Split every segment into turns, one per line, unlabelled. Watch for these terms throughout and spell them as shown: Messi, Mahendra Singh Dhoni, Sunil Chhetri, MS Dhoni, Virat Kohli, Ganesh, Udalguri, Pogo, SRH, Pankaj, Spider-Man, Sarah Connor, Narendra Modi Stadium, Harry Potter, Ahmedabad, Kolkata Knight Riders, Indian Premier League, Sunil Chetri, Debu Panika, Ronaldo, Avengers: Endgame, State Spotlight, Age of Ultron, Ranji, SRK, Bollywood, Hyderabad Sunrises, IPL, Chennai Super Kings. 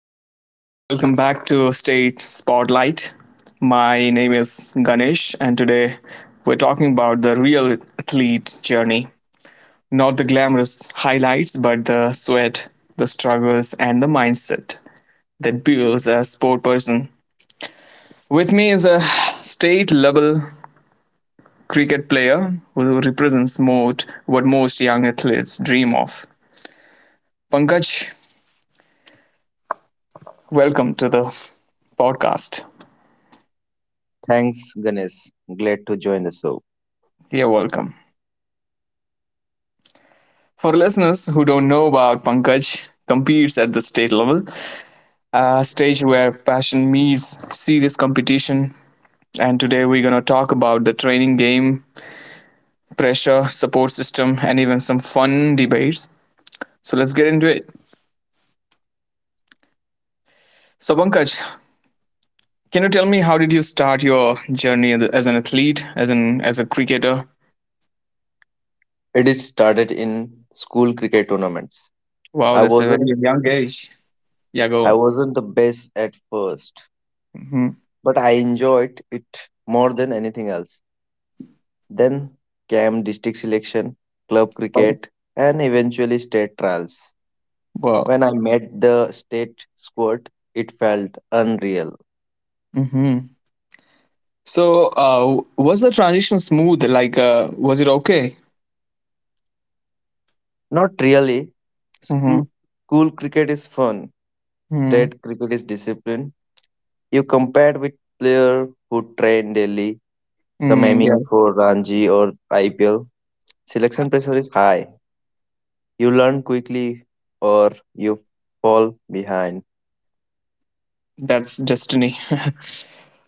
everyone, welcome back to State Spotlight. My name is Ganesh, and today we're talking about the real athlete journey. Not the glamorous highlights, but the sweat, the struggles, and the mindset that builds a sport person. With me is a state level cricket player who represents most what most young athletes dream of. Pankaj, welcome to the podcast.
Thanks, Ganesh. Glad to join the show.
You're welcome. For listeners who don't know about Pankaj, competes at the state level, a stage where passion meets serious competition. And today we're going to talk about the training game, pressure, support system, and even some fun debates. So let's get into it. So Pankaj, can you tell me how did you start your journey as an athlete, as an as a cricketer?
It is started in school cricket tournaments.
Wow,
I
that's a very
wasn't
young age. Yeah, go
I
on.
wasn't the best at first,
Hmm.
but I enjoyed it more than anything else. Then came district selection, club cricket, and eventually state trials.
Wow.
When I met the state squad, it felt unreal.
Hmm. So, uh, was the transition smooth? Like, was it okay?
Not really.
Mm-hmm.
School, school cricket is fun.
Mm-hmm.
State cricket is discipline. You compared with player who train daily, some
Mm, yeah,
aiming for Ranji or IPL. Selection pressure is high. You learn quickly or you fall behind.
that's destiny.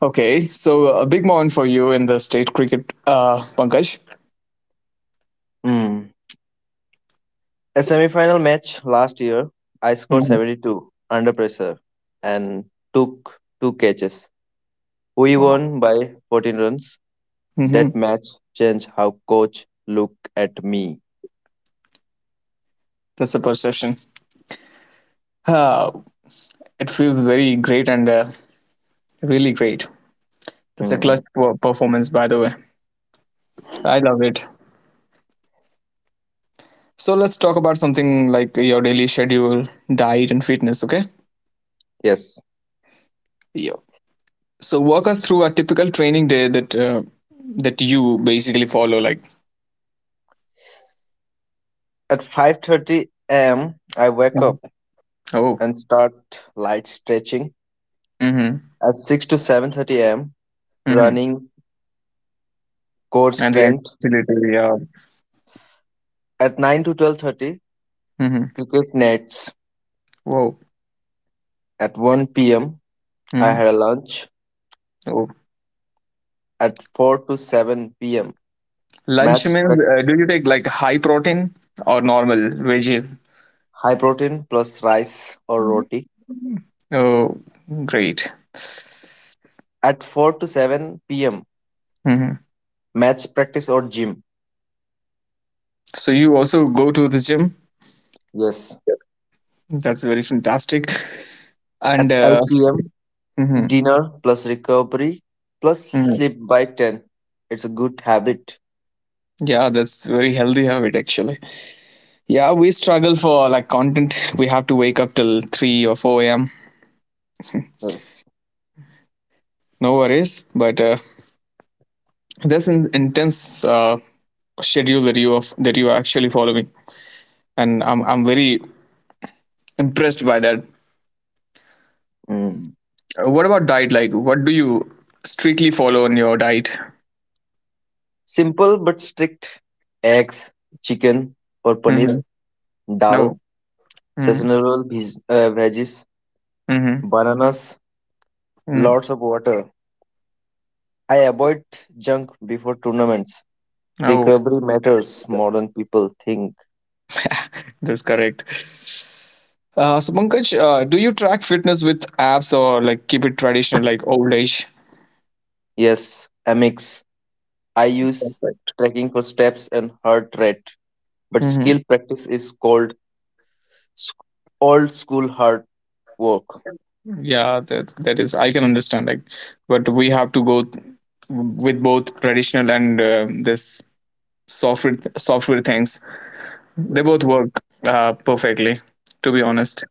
Okay, so a big moment for you in the state cricket, Pankaj.
Hmm. A semi-final match last year, I scored
Hmm.
72 under pressure and took two catches. We
Wow.
won by 14 runs. That
Hmm.
match changed how coach looked at me.
That's a perception. Uh, it feels very great and really great. That's a clutch
Hmm.
performance, by the way. I love it. So let's talk about something like your daily schedule, diet, and fitness. Okay.
Yes.
Yeah. So walk us through a typical training day that that you basically follow. Like.
At 5:30 a.m., I wake
Mhm.
up
Oh.
and start light stretching.
Mm-hmm.
At 6 to 7:30 a.m.,
Mm-hmm.
running, core
And the
strength.
agility, yeah.
At 9 to 12:30,
Mm-hmm.
cricket nets.
Whoa.
At 1 p.m., I
Mm-hmm.
had a lunch.
Oh.
At 4 to 7 p.m.,
Lunch
maths
means,
prac-
do you take like high protein or normal veggies?
high protein plus rice or
Mhm.
roti.
Oh, great.
At 4 to 7 p.m.,
Hmm.
maths practice or gym.
So you also go to the gym.
Yes.
That's very fantastic.
At
And
8 p.m.,
mhm,
dinner plus recovery plus
mhm.
sleep by 10. It's a good habit.
Yeah, that's very healthy habit actually. Yeah, we struggle for like content. We have to wake up till 3 or 4 a.m.
Yes.
No worries, but there's an intense schedule that you are actually following, and I'm very impressed by that.
Mm.
What about diet? Like, what do you strictly follow on your diet?
Simple but strict. Eggs, chicken or
Mm-hmm.
paneer,
No.
dal,
Mm-hmm.
seasonal veggies,
Mm-hmm.
bananas,
Mm.
lots of water. I avoid junk before tournaments.
Oh,
Recovery matters more than people think.
that's correct. So Pankaj, do you track fitness with apps or like keep it traditional, like old age?
Yes, Amex. I use
That's right.
tracking for steps and heart rate, but
Mm-hmm.
skill practice is called sc- old school hard work.
Yeah, that is. I can understand. Like, but we have to go with both traditional and this software things. They
Yes.
both work perfectly. To be honest.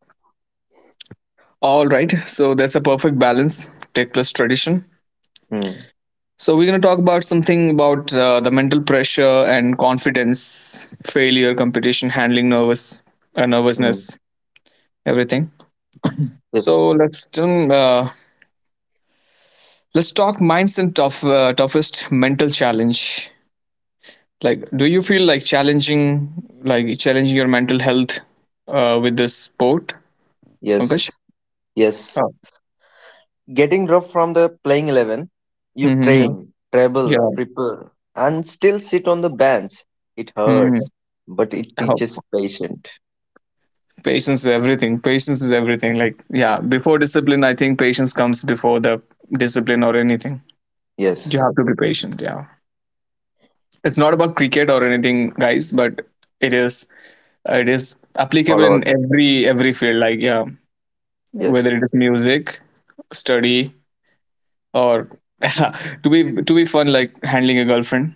All right, so that's a perfect balance, tech plus tradition.
Hmm.
So we're going to talk about something about the mental pressure and confidence, failure, competition, handling
Hmm.
nervousness, everything.
yes.
So let's talk minds and toughest mental challenge. Like, do you feel like like challenging your mental health with this sport, Pankaj?
Yes. Yes.
Oh.
Getting dropped from the playing 11, you
Mm-hmm.
train, travel,
Yeah.
prepare, and still sit on the bench. It
Mm-hmm.
hurts, but it teaches patience.
Patience is everything. Patience is everything. Like, yeah, before discipline, I think patience comes before the discipline or anything. You
Yes,
have to be patient. Yeah. It's not about cricket or anything, guys, but it is it is applicable
all
in
out.
every field, like yeah, whether
Yes,
it is music, study, or to be fun, like handling a girlfriend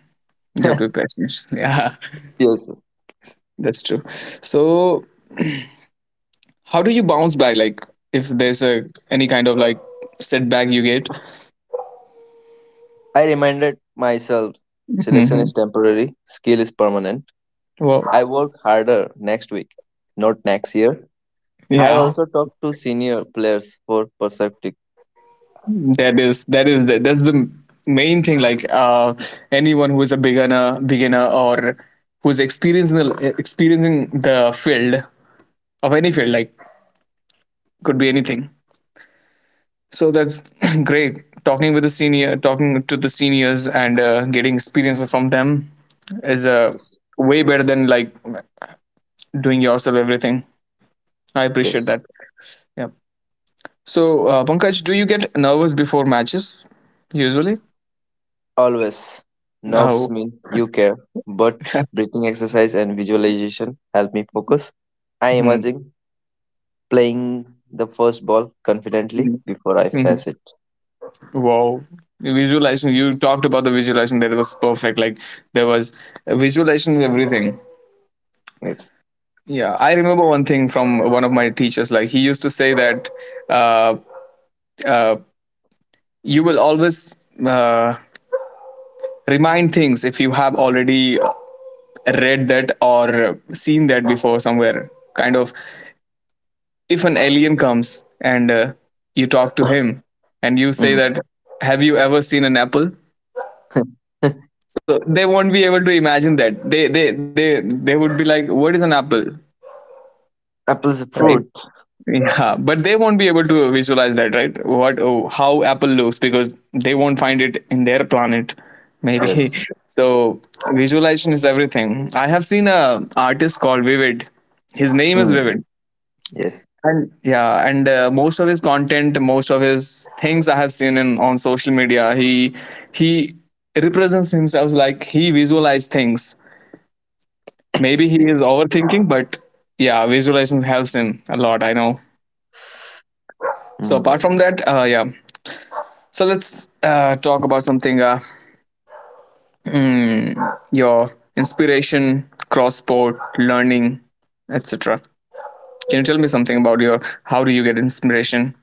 you have to be patient. Yeah,
yes.
that's true. So how do you bounce back, like if there's a any kind of like setback you get?
I reminded myself selection is temporary, skill is permanent.
Well,
I work harder next week, not next year. I
yeah,
also talk to senior players for perspectives.
that's the main thing, like anyone who is a beginner or who's experiencing the field of any field, like could be anything. So that's great talking with the senior talking to the seniors, and getting experiences from them is way better than like doing yourself everything. I appreciate
Yes.
that. Yeah. So Pankaj, do you get nervous before matches usually?
Always. Knobs
Oh.
mean you care, but breathing exercise and visualization help me focus. I imagine playing the first ball confidently before I
Mm-hmm.
face it.
Wow. Visualizing, you talked about the visualization, that was perfect. Like there was a visualization of everything.
Yes.
Yeah, I remember one thing from one of my teachers. Like he used to say that uh, uh, you will always remind things if you have already read that or seen that before somewhere. Kind of, if an alien comes and you talk to him and you say
Mm.
that, "Have you ever seen an apple?" So they won't be able to imagine that they would be like what is an apple,
Apple's a
right?
fruit.
Yeah, but they won't be able to visualize that, right? What, oh, how apple looks, because they won't find it in their planet maybe.
Yes.
So visualization is everything. I have seen a artist called Vivid, his name is
Mm.
Vivid,
Yes.
and yeah, and most of his content, most of his things I have seen in on social media, he represents himself like he visualized things. Maybe he is
Yes.
overthinking, but yeah, visualization helps him a lot, I know. So
Mm.
apart from that, yeah. So let's talk about something. Hmm, your inspiration, cross sport, learning, etc. Can you tell me something about your? How do you get inspiration?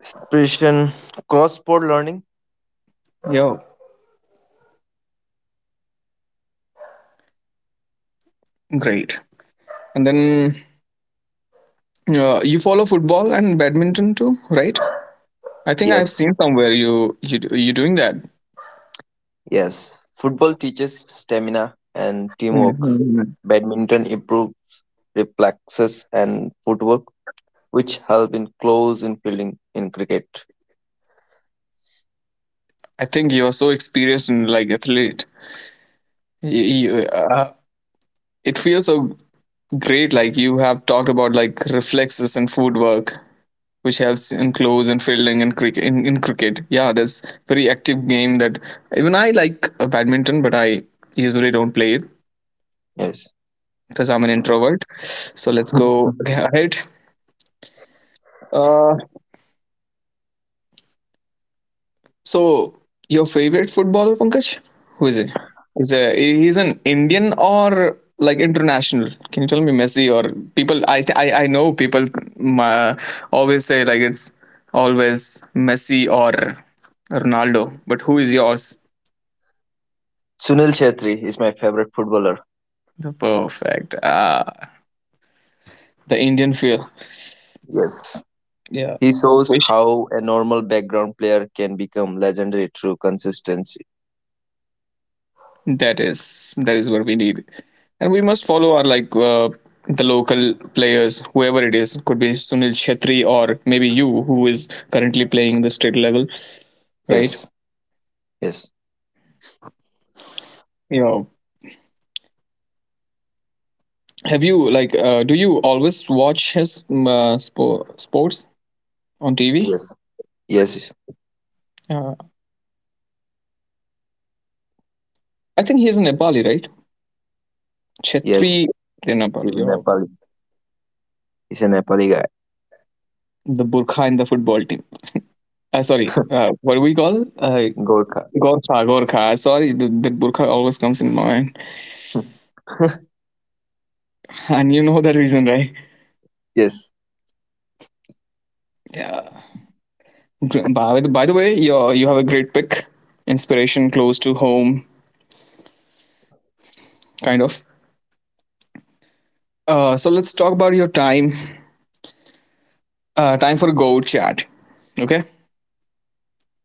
Inspiration, cross-sport learning.
Yo, great. And then you follow football and badminton too, right? I think
Yes.
I've seen somewhere you doing that.
Yes. Football teaches stamina and teamwork.
Mhm.
Badminton improves reflexes and footwork, which helped in close in fielding in cricket.
I think you are so experienced and like athlete. You, you, uh, it feels so great, like you have talked about like reflexes and footwork which helps in close and fielding and cricket, in cricket. Yeah, that's very active game, that even I like badminton, but I usually don't play it
Yes.
because I'm an introvert, so let's go ahead. Uh, so, your favorite footballer, Pankaj? Who is he? Is he? He's an Indian or like international? Can you tell me Messi or people? I th- I know people uh, always say like it's always Messi or Ronaldo, but who is yours?
Sunil Chhetri is my favorite footballer.
Perfect. Ah, the Indian feel.
Yes.
Yeah.
He shows
Which.
how a normal background player can become legendary through consistency.
That is what we need, and we must follow our like the local players, whoever it is, could be Sunil Chetri or maybe you, who is currently playing in the state level, right?
Yes. Yes.
Yeah. Have you like do you always watch his sports on TV?
Yes. Yes.
Uh, I think he's a Nepali, right?
Yes.
Chetri in Nepali.
He's a
Yeah.
Nepali. He's a Nepali guy.
The Burkha in the football team. Sorry, what do we call?
Gorkha.
Gorkha, Gorkha. Sorry, the Burkha always comes in my mind. And you know the reason, right?
yes.
Yeah. By by the way, you have a great pick, inspiration close to home, kind of. So let's talk about your time. Time for a go chat. Okay.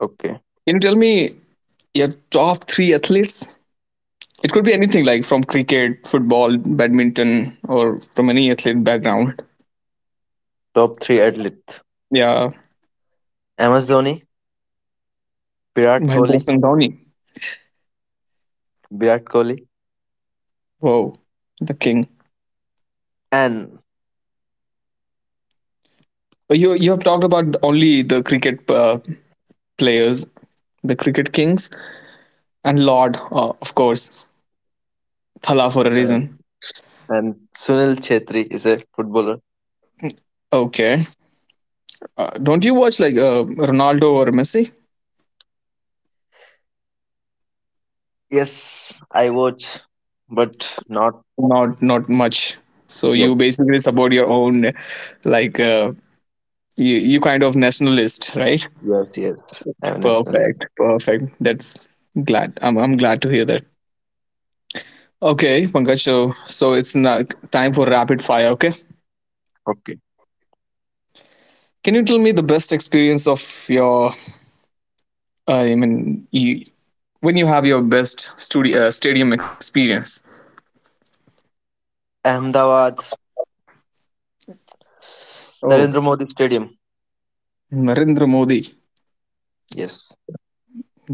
Okay.
Can you tell me your top three athletes? It could be anything, like from cricket, football, badminton, or from any athlete background.
Top three athlete.
Yeah,
MS Dhoni, Virat
Mahendra
Kohli,
Singh Dhoni.
Virat Kohli,
Whoa, the king.
and
You you have talked about only the cricket players, the cricket kings. And Lord, of course, Thala for a
and,
reason.
and Sunil Chhetri is a footballer.
Okay. Don't you watch like Ronaldo or Messi?
Yes, I watch, but not.
Not not much. So you
Yes,
basically support your own, like you you kind of nationalist, right?
yes, yes. I'm a nationalist.
Perfect, perfect. That's glad. I'm glad to hear that. Okay, Pankaj. So so it's na time for rapid fire. Okay.
Okay.
Can you tell me the best experience of your? I mean, you, when you have your best studio stadium experience.
Ahmedabad,
Oh.
Narendra Modi Stadium.
Narendra Modi.
Yes,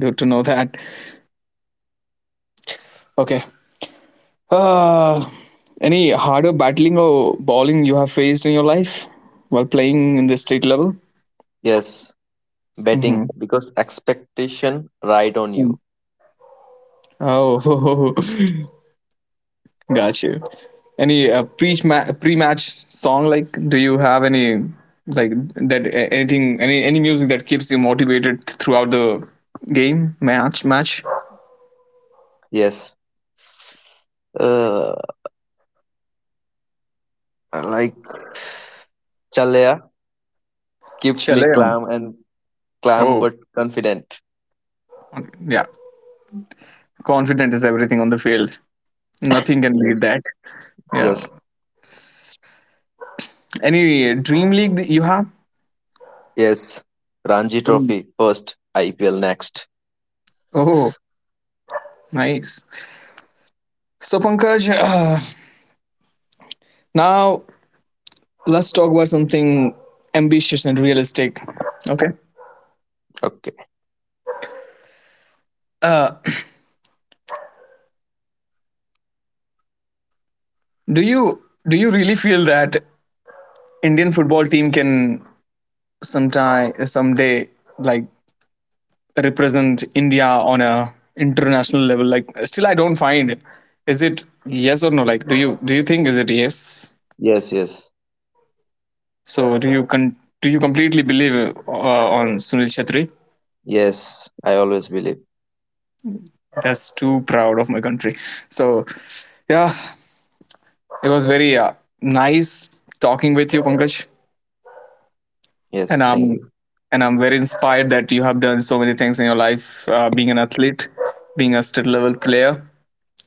Good to know that. Okay. Uh, any harder battling or bowling you have faced in your life while playing in the state level?
yes.
Hmm.
Betting because expectation ride on you.
Oh, got you. Any pre match song, like? Do you have any like that? Anything? Any music that keeps you motivated throughout the game, match?
Yes. Uh, like Chalaya keeps me
Chale. Hum.
calm and calm
Oh,
but confident.
yeah. Confident is everything on the field. Nothing can beat
Yes,
that. Yeah.
yes,
Any dream league that you have?
yes. Ranji
Mm.
Trophy first, IPL next.
Oh, nice. So, Pankaj, now let's talk about something ambitious and realistic. Okay.
Okay.
Uh, do you really feel that Indian football team can sometime someday like represent India on a international level? Like, still, I don't find. Is it yes or no? Like, do you think is it yes?
Yes, yes,
So, do you completely believe on Sunil Chhetri?
yes. I always believe.
That's too proud of my country. So, yeah, it was very nice talking with you, Pankaj.
Yes.
And
Thank
I'm
you.
and I'm very inspired that you have done so many things in your life, being an athlete, being a state level player.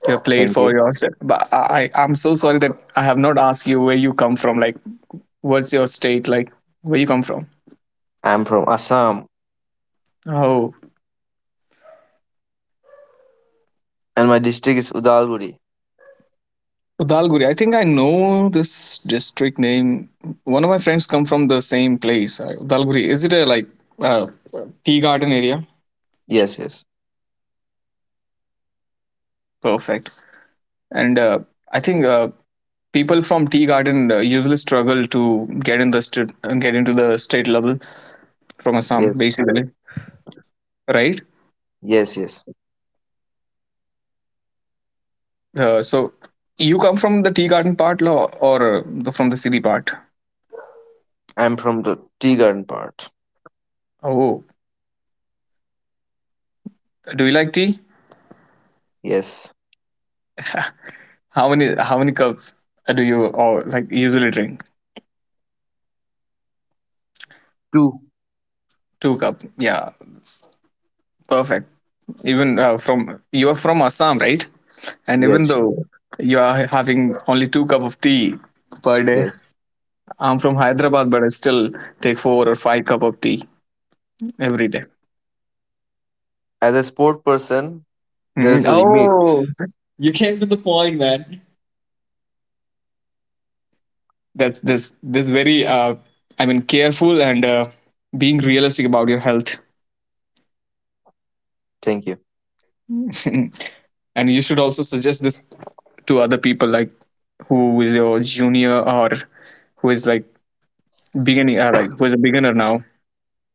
You have played
Thank
for
you.
your state. But I'm so sorry that I have not asked you where you come from. Like, what's your state? Like, where you come from?
I'm from Assam
Oh,
and my district is Udalguri.
Udalguri. I think I know this district name. One of my friends come from the same place. Udalguri. Is it a like uh, tea garden area?
Yes, yes.
Perfect. And I think people from tea garden usually struggle to get in the st- get into the state level from Assam,
Yes.
basically, right?
Yes, yes.
So you come from the tea garden part or from the city part?
I'm from the tea garden part.
Oh, do you like tea?
Yes.
How many cups do you or like usually drink?
Two.
Two cup. Yeah, it's perfect. Even from you are from Assam, right? And even
Yes, yes.
though you are having only two cup of tea per day,
Yes.
I'm from Hyderabad, but I still take four or five cup of tea every day.
As a sport person, there
Mm,
is a limit.
oh, you came to the point, man. That's this very I mean careful and being realistic about your health.
Thank you.
And you should also suggest this to other people, like who is your junior, or who is like beginning like who is a beginner now.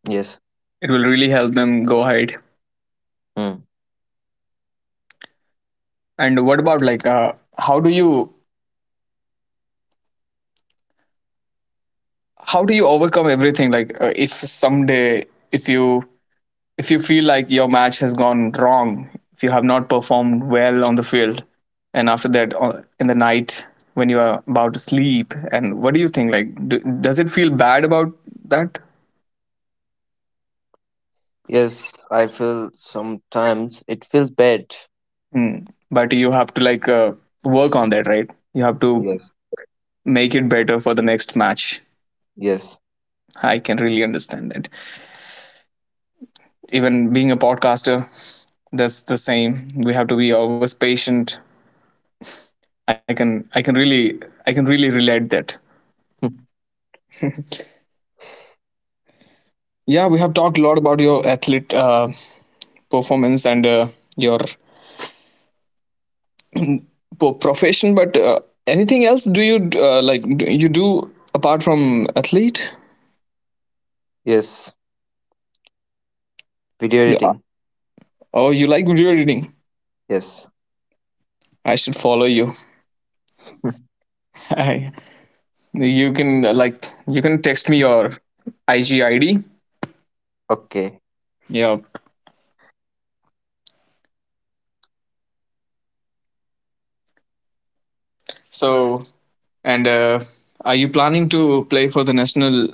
Yes.
It will really help them go ahead.
Hmm.
And what about, like, how do you how do you overcome everything, like, if someday, if you if you feel like your match has gone wrong, if you have not performed well on the field, and after that, in the night when you are about to sleep, and what do you think, like, does it feel bad about that?
Yes, I feel sometimes it feels bad.
Hmm. But you have to, like, work on that, right? You have to
Yes.
make it better for the next match.
Yes.
I can really understand that. Even being a podcaster, that's the same. We have to be always patient. I can I can really I can really relate that. Yeah, we have talked a lot about your athlete performance and your profession. But anything else do you like? Do you do apart from athlete?
yes. Video editing.
Oh, you like video editing?
Yes.
I should follow you. I, you can like you can text me your IG ID.
Okay.
Yeah. So. And Are you planning to play for the national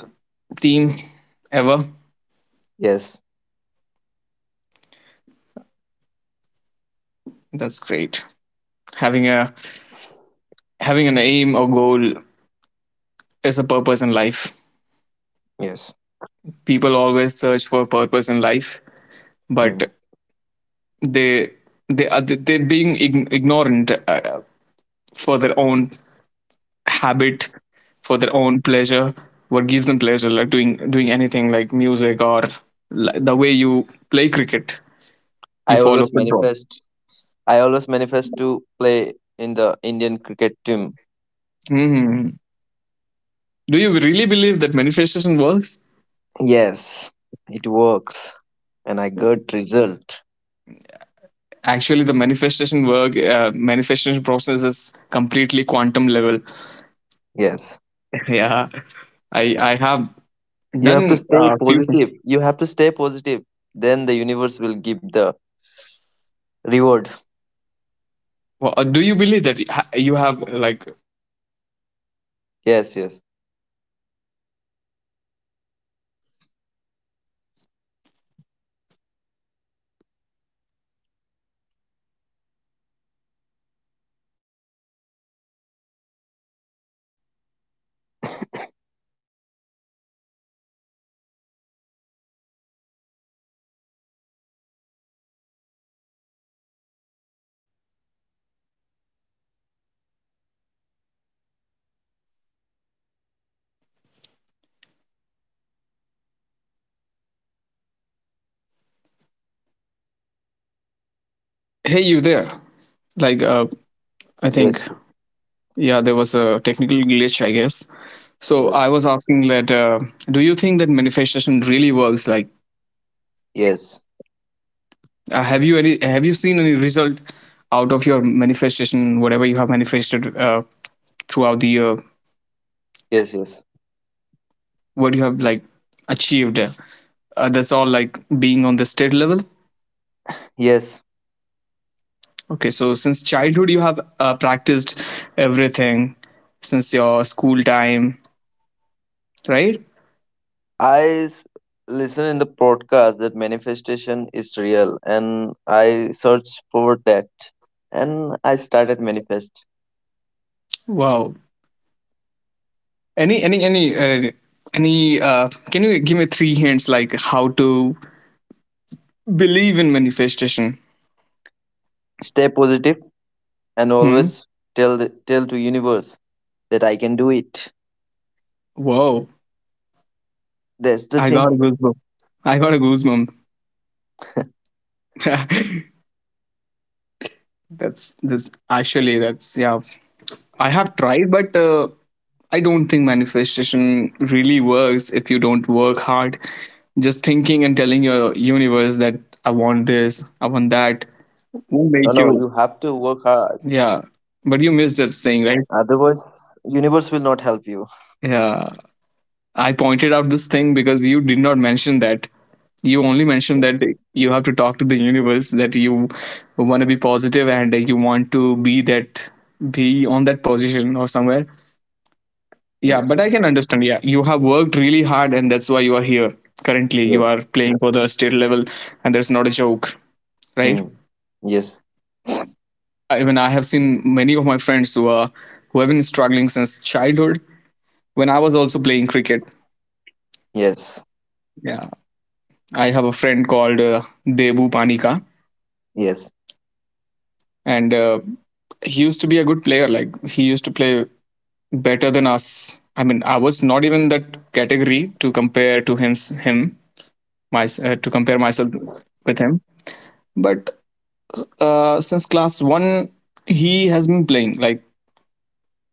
team ever?
Yes.
That's great. Having a having an aim or goal is a purpose in life.
Yes.
People always search for purpose in life,
Mm.
but they they are they being ignorant, for their own habit, for their own pleasure. What gives them pleasure, like doing anything, like music, or like the way you play cricket, you
I
follow
always
football.
manifest. I always manifest to play in the Indian cricket team.
Mhm. Do you really believe that manifestation works?
Yes, it works, and I got result.
Actually, the manifestation process is completely quantum level.
Yes,
Yeah, i I have
you have to
done
stay
a few.
positive. You have to stay positive. Then the universe will give the reward.
Well, do you believe that you have, like... I want to ask you something, okay?
Yes, yes,
Is it okay if I ask you something, related to manifestation? Are you okay? Hey, you there? Like, I think...
yes,
Yeah, there was a technical glitch, I guess. So
yes,
I was asking that, do you think that manifestation really works, like
yes,
have you seen any result out of your manifestation, whatever you have manifested, throughout the year,
yes, yes.
what you have, like, achieved, that's all, like, being on the state level.
Yes,
Okay, so since childhood you have practiced everything since your school time, right?
I listen in the podcast that manifestation is real, and I searched for that, and I started manifest.
Wow. any any any uh, any Can you give me three hints, like how to believe in manifestation?
Stay positive, and
Hmm.
always tell to universe that I can do it.
Whoa,
That's the
I got a
thing.
goosebump. I got a goosebump. That's actually that's yeah, I have tried, but I don't think manifestation really works if you don't work hard. Just thinking and telling your universe that I want this, I want
No,
that
no, you have to
won't make
work
you...
hard.
Yeah, but you missed that thing,
Otherwise,
right?
universe will not help you.
Yeah, I pointed out this thing because you did not mention that. You only
Yes,
mentioned
yes,
that you have to talk to the universe, that you want to be positive and you want to be that, be on that position or somewhere.
yes,
Yeah, but
yes,
I can understand. Yeah, you have worked really hard, and that's why you are here. Currently, you
yes.
are playing for the state level, and that's not a joke, right?
Mm. Yes,
I mean, I have seen many of my friends who have been struggling since childhood. When I was also playing cricket,
yes,
yeah, I have a friend called Debu Panika,
yes,
and he used to be a good player. Like, he used to play better than us. I mean, I was not even that category to compare to him. Him, to compare myself with him. But since class one, he has been playing. Like,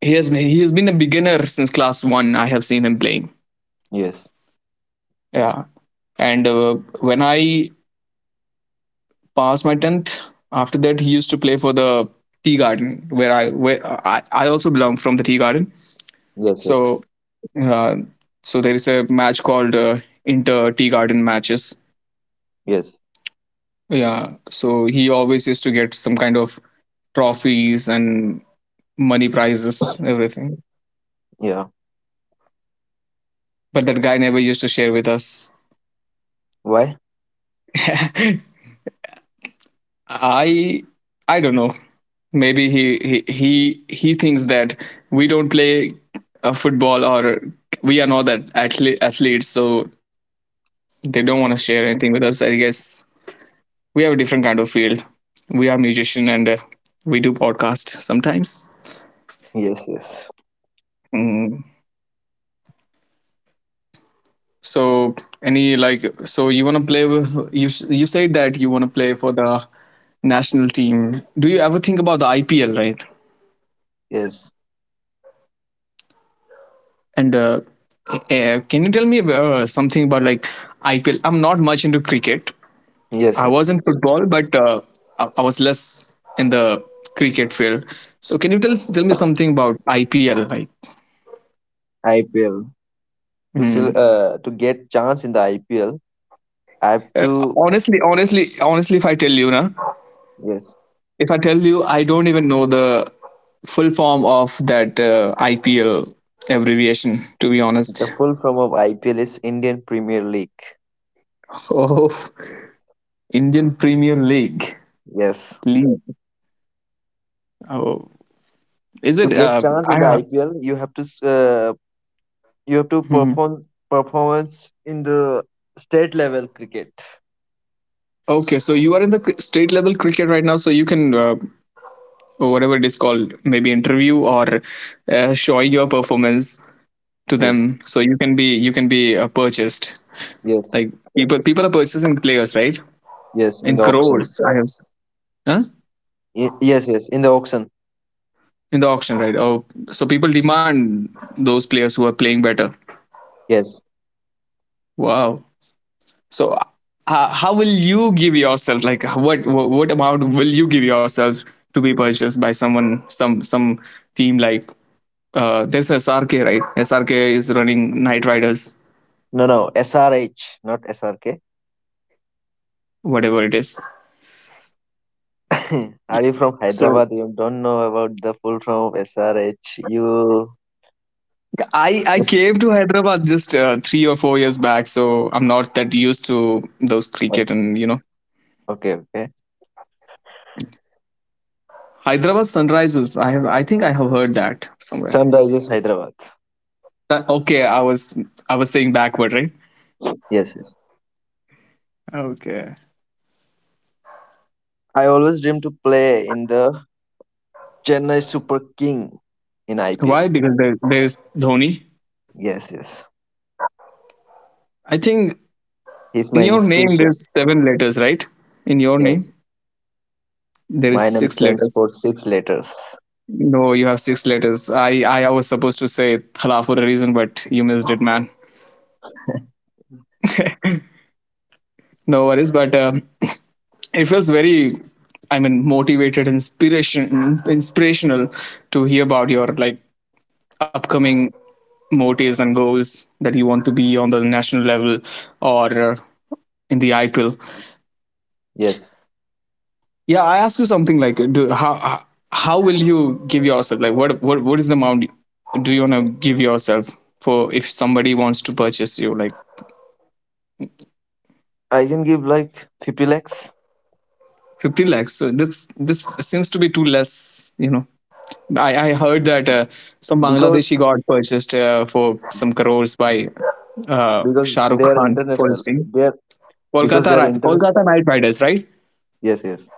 he has been a beginner since class one. I have seen him playing.
yes,
Yeah, and when I passed my tenth, after that he used to play for the tea garden, where I also belong from the tea garden.
yes, yes,
So uh, so there is a match called Inter Tea Garden matches.
yes.
Yeah, so he always used to get some kind of trophies and money prizes, everything.
Yeah.
But that guy never used to share with us.
Why?
I I don't know. Maybe he thinks that we don't play football, or we are not that athletes, so they don't want to share anything with us. I guess we have a different kind of field. We are musician, and we do podcast sometimes.
Yes, yes,
So, any like, so you want to play? You said that you want to play for the national team. Do you ever think about the IPL? Right?
yes,
And can you tell me something about, like, IPL? I'm not much into cricket.
yes,
I
yes.
was in football, but I was less in the cricket field. So can you tell me something about IPL? Like...
IPL to
Hmm.
sil- uh, to get chance in the IPL I have
uh,
to.
honestly, if I tell you, na,
Yes,
if I tell you, I don't even know the full form of that IPL abbreviation. To be
the
honest.
full form of IPL is Indian Premier League.
Oh, Indian Premier League.
Yes.
League. Oh, is
To
it?
get chance in the
I.
IPL, you have to
Hmm.
perform performance in the state level cricket.
Okay, so you are in the state level cricket right now, so you can whatever it is called, maybe interview or show your performance to
Yes,
them, so you can be purchased.
yes,
Like, people are purchasing players, right?
yes in
In
the auction.
crores, I have. Huh?
Yes, yes in the auction.
In the auction, right? Oh, so people demand those players who are playing better.
Yes.
Wow. So how will you give yourself? Like, what amount will you give yourself to be purchased by someone, some team, like there's SRK, right? SRK is running Knight Riders,
No, no, SRH not SRK.
whatever it is.
Are you from
So
Hyderabad? You don't know about the full form of SRH? You.
I came to Hyderabad just 3 or 4 years back, so I'm not that used to those
Oh,
cricket and,
okay, okay.
Hyderabad Sunrises. I think I have heard that somewhere.
Sunrises Hyderabad.
Okay, I was saying backward, right?
Yes, yes.
Okay.
I always dream to play in the Chennai Super King in IPL.
Why? Because there's Dhoni.
Yes, yes.
I think
He's
in
my
your name
inspiration.
there's seven letters, right? In your name
Yes.
there is
My name
six
stands
letters.
for six letters.
No, you have six letters. I was supposed to say thala for a reason, but you missed it, man. No worries, but it feels very, I mean, motivated, inspiration, inspirational to hear about your, like, upcoming motives and goals that you want to be on the national level or in the IPL.
Yes,
Yeah, I ask you something, like, how will you give yourself? Like, what is the amount do you want to give yourself for, if somebody wants to purchase you? Like,
I can give like 50 lakhs.
15 lakhs, so this seems to be too less you know I heard that some
because
bangladeshi got purchased for some crores by uh
because
shah
they
rukh
are
khan for his
international.
team,
They are because they are international.
Kolkata knight riders, right?
Yes, yes.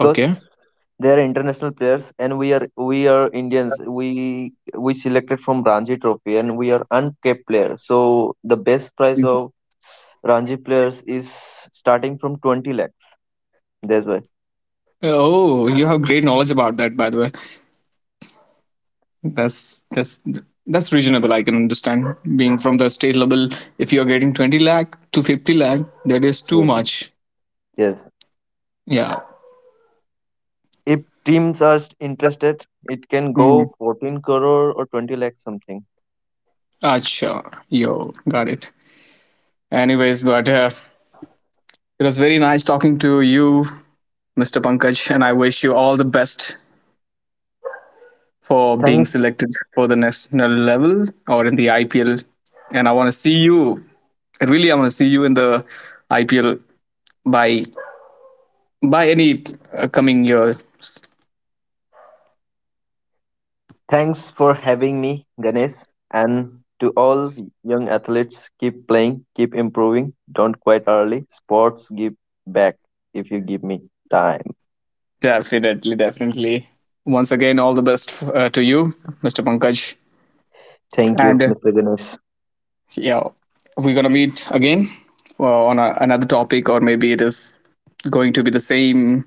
Okay.
they are international players, and we are Indians. We selected from Ranji Trophy, and we are uncapped player. So the best price
Mhm.
of Ranji players is starting from 20 lakhs. That's why.
Oh, you have great knowledge about that, by the way. That's that's that's reasonable. I can understand, being from the state level, if you're getting 20 lakh to 50 lakh, that is too
Yes,
much.
yes.
Yeah.
If teams are interested, it can
Mm-hmm.
go 14 crore or 20 lakh something.
Acha. Yo. Got it. Anyways, but it was very nice talking to you, Mr. Pankaj, and I wish you all the best for being
Thanks,
selected for the national level or in the IPL. And I want to see you. Really, I want to see you in the IPL by by any coming years.
thanks for having me, Ganesh. And to all the young athletes, keep playing, keep improving. Don't quit early. Sports give back if you give me time.
Definitely, definitely. Once again, all the best to you, Mr. Pankaj.
Thank you,
And
Mr. Ganesh.
yeah, we're gonna meet again, on another topic, or maybe it is going to be the same,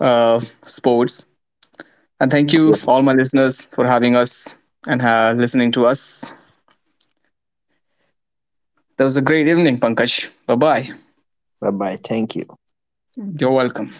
sports. And thank you,
Yeah,
all my listeners, for having us and listening to us. That was a great evening, Pankaj. Bye bye.
bye bye. Thank you.
You're welcome.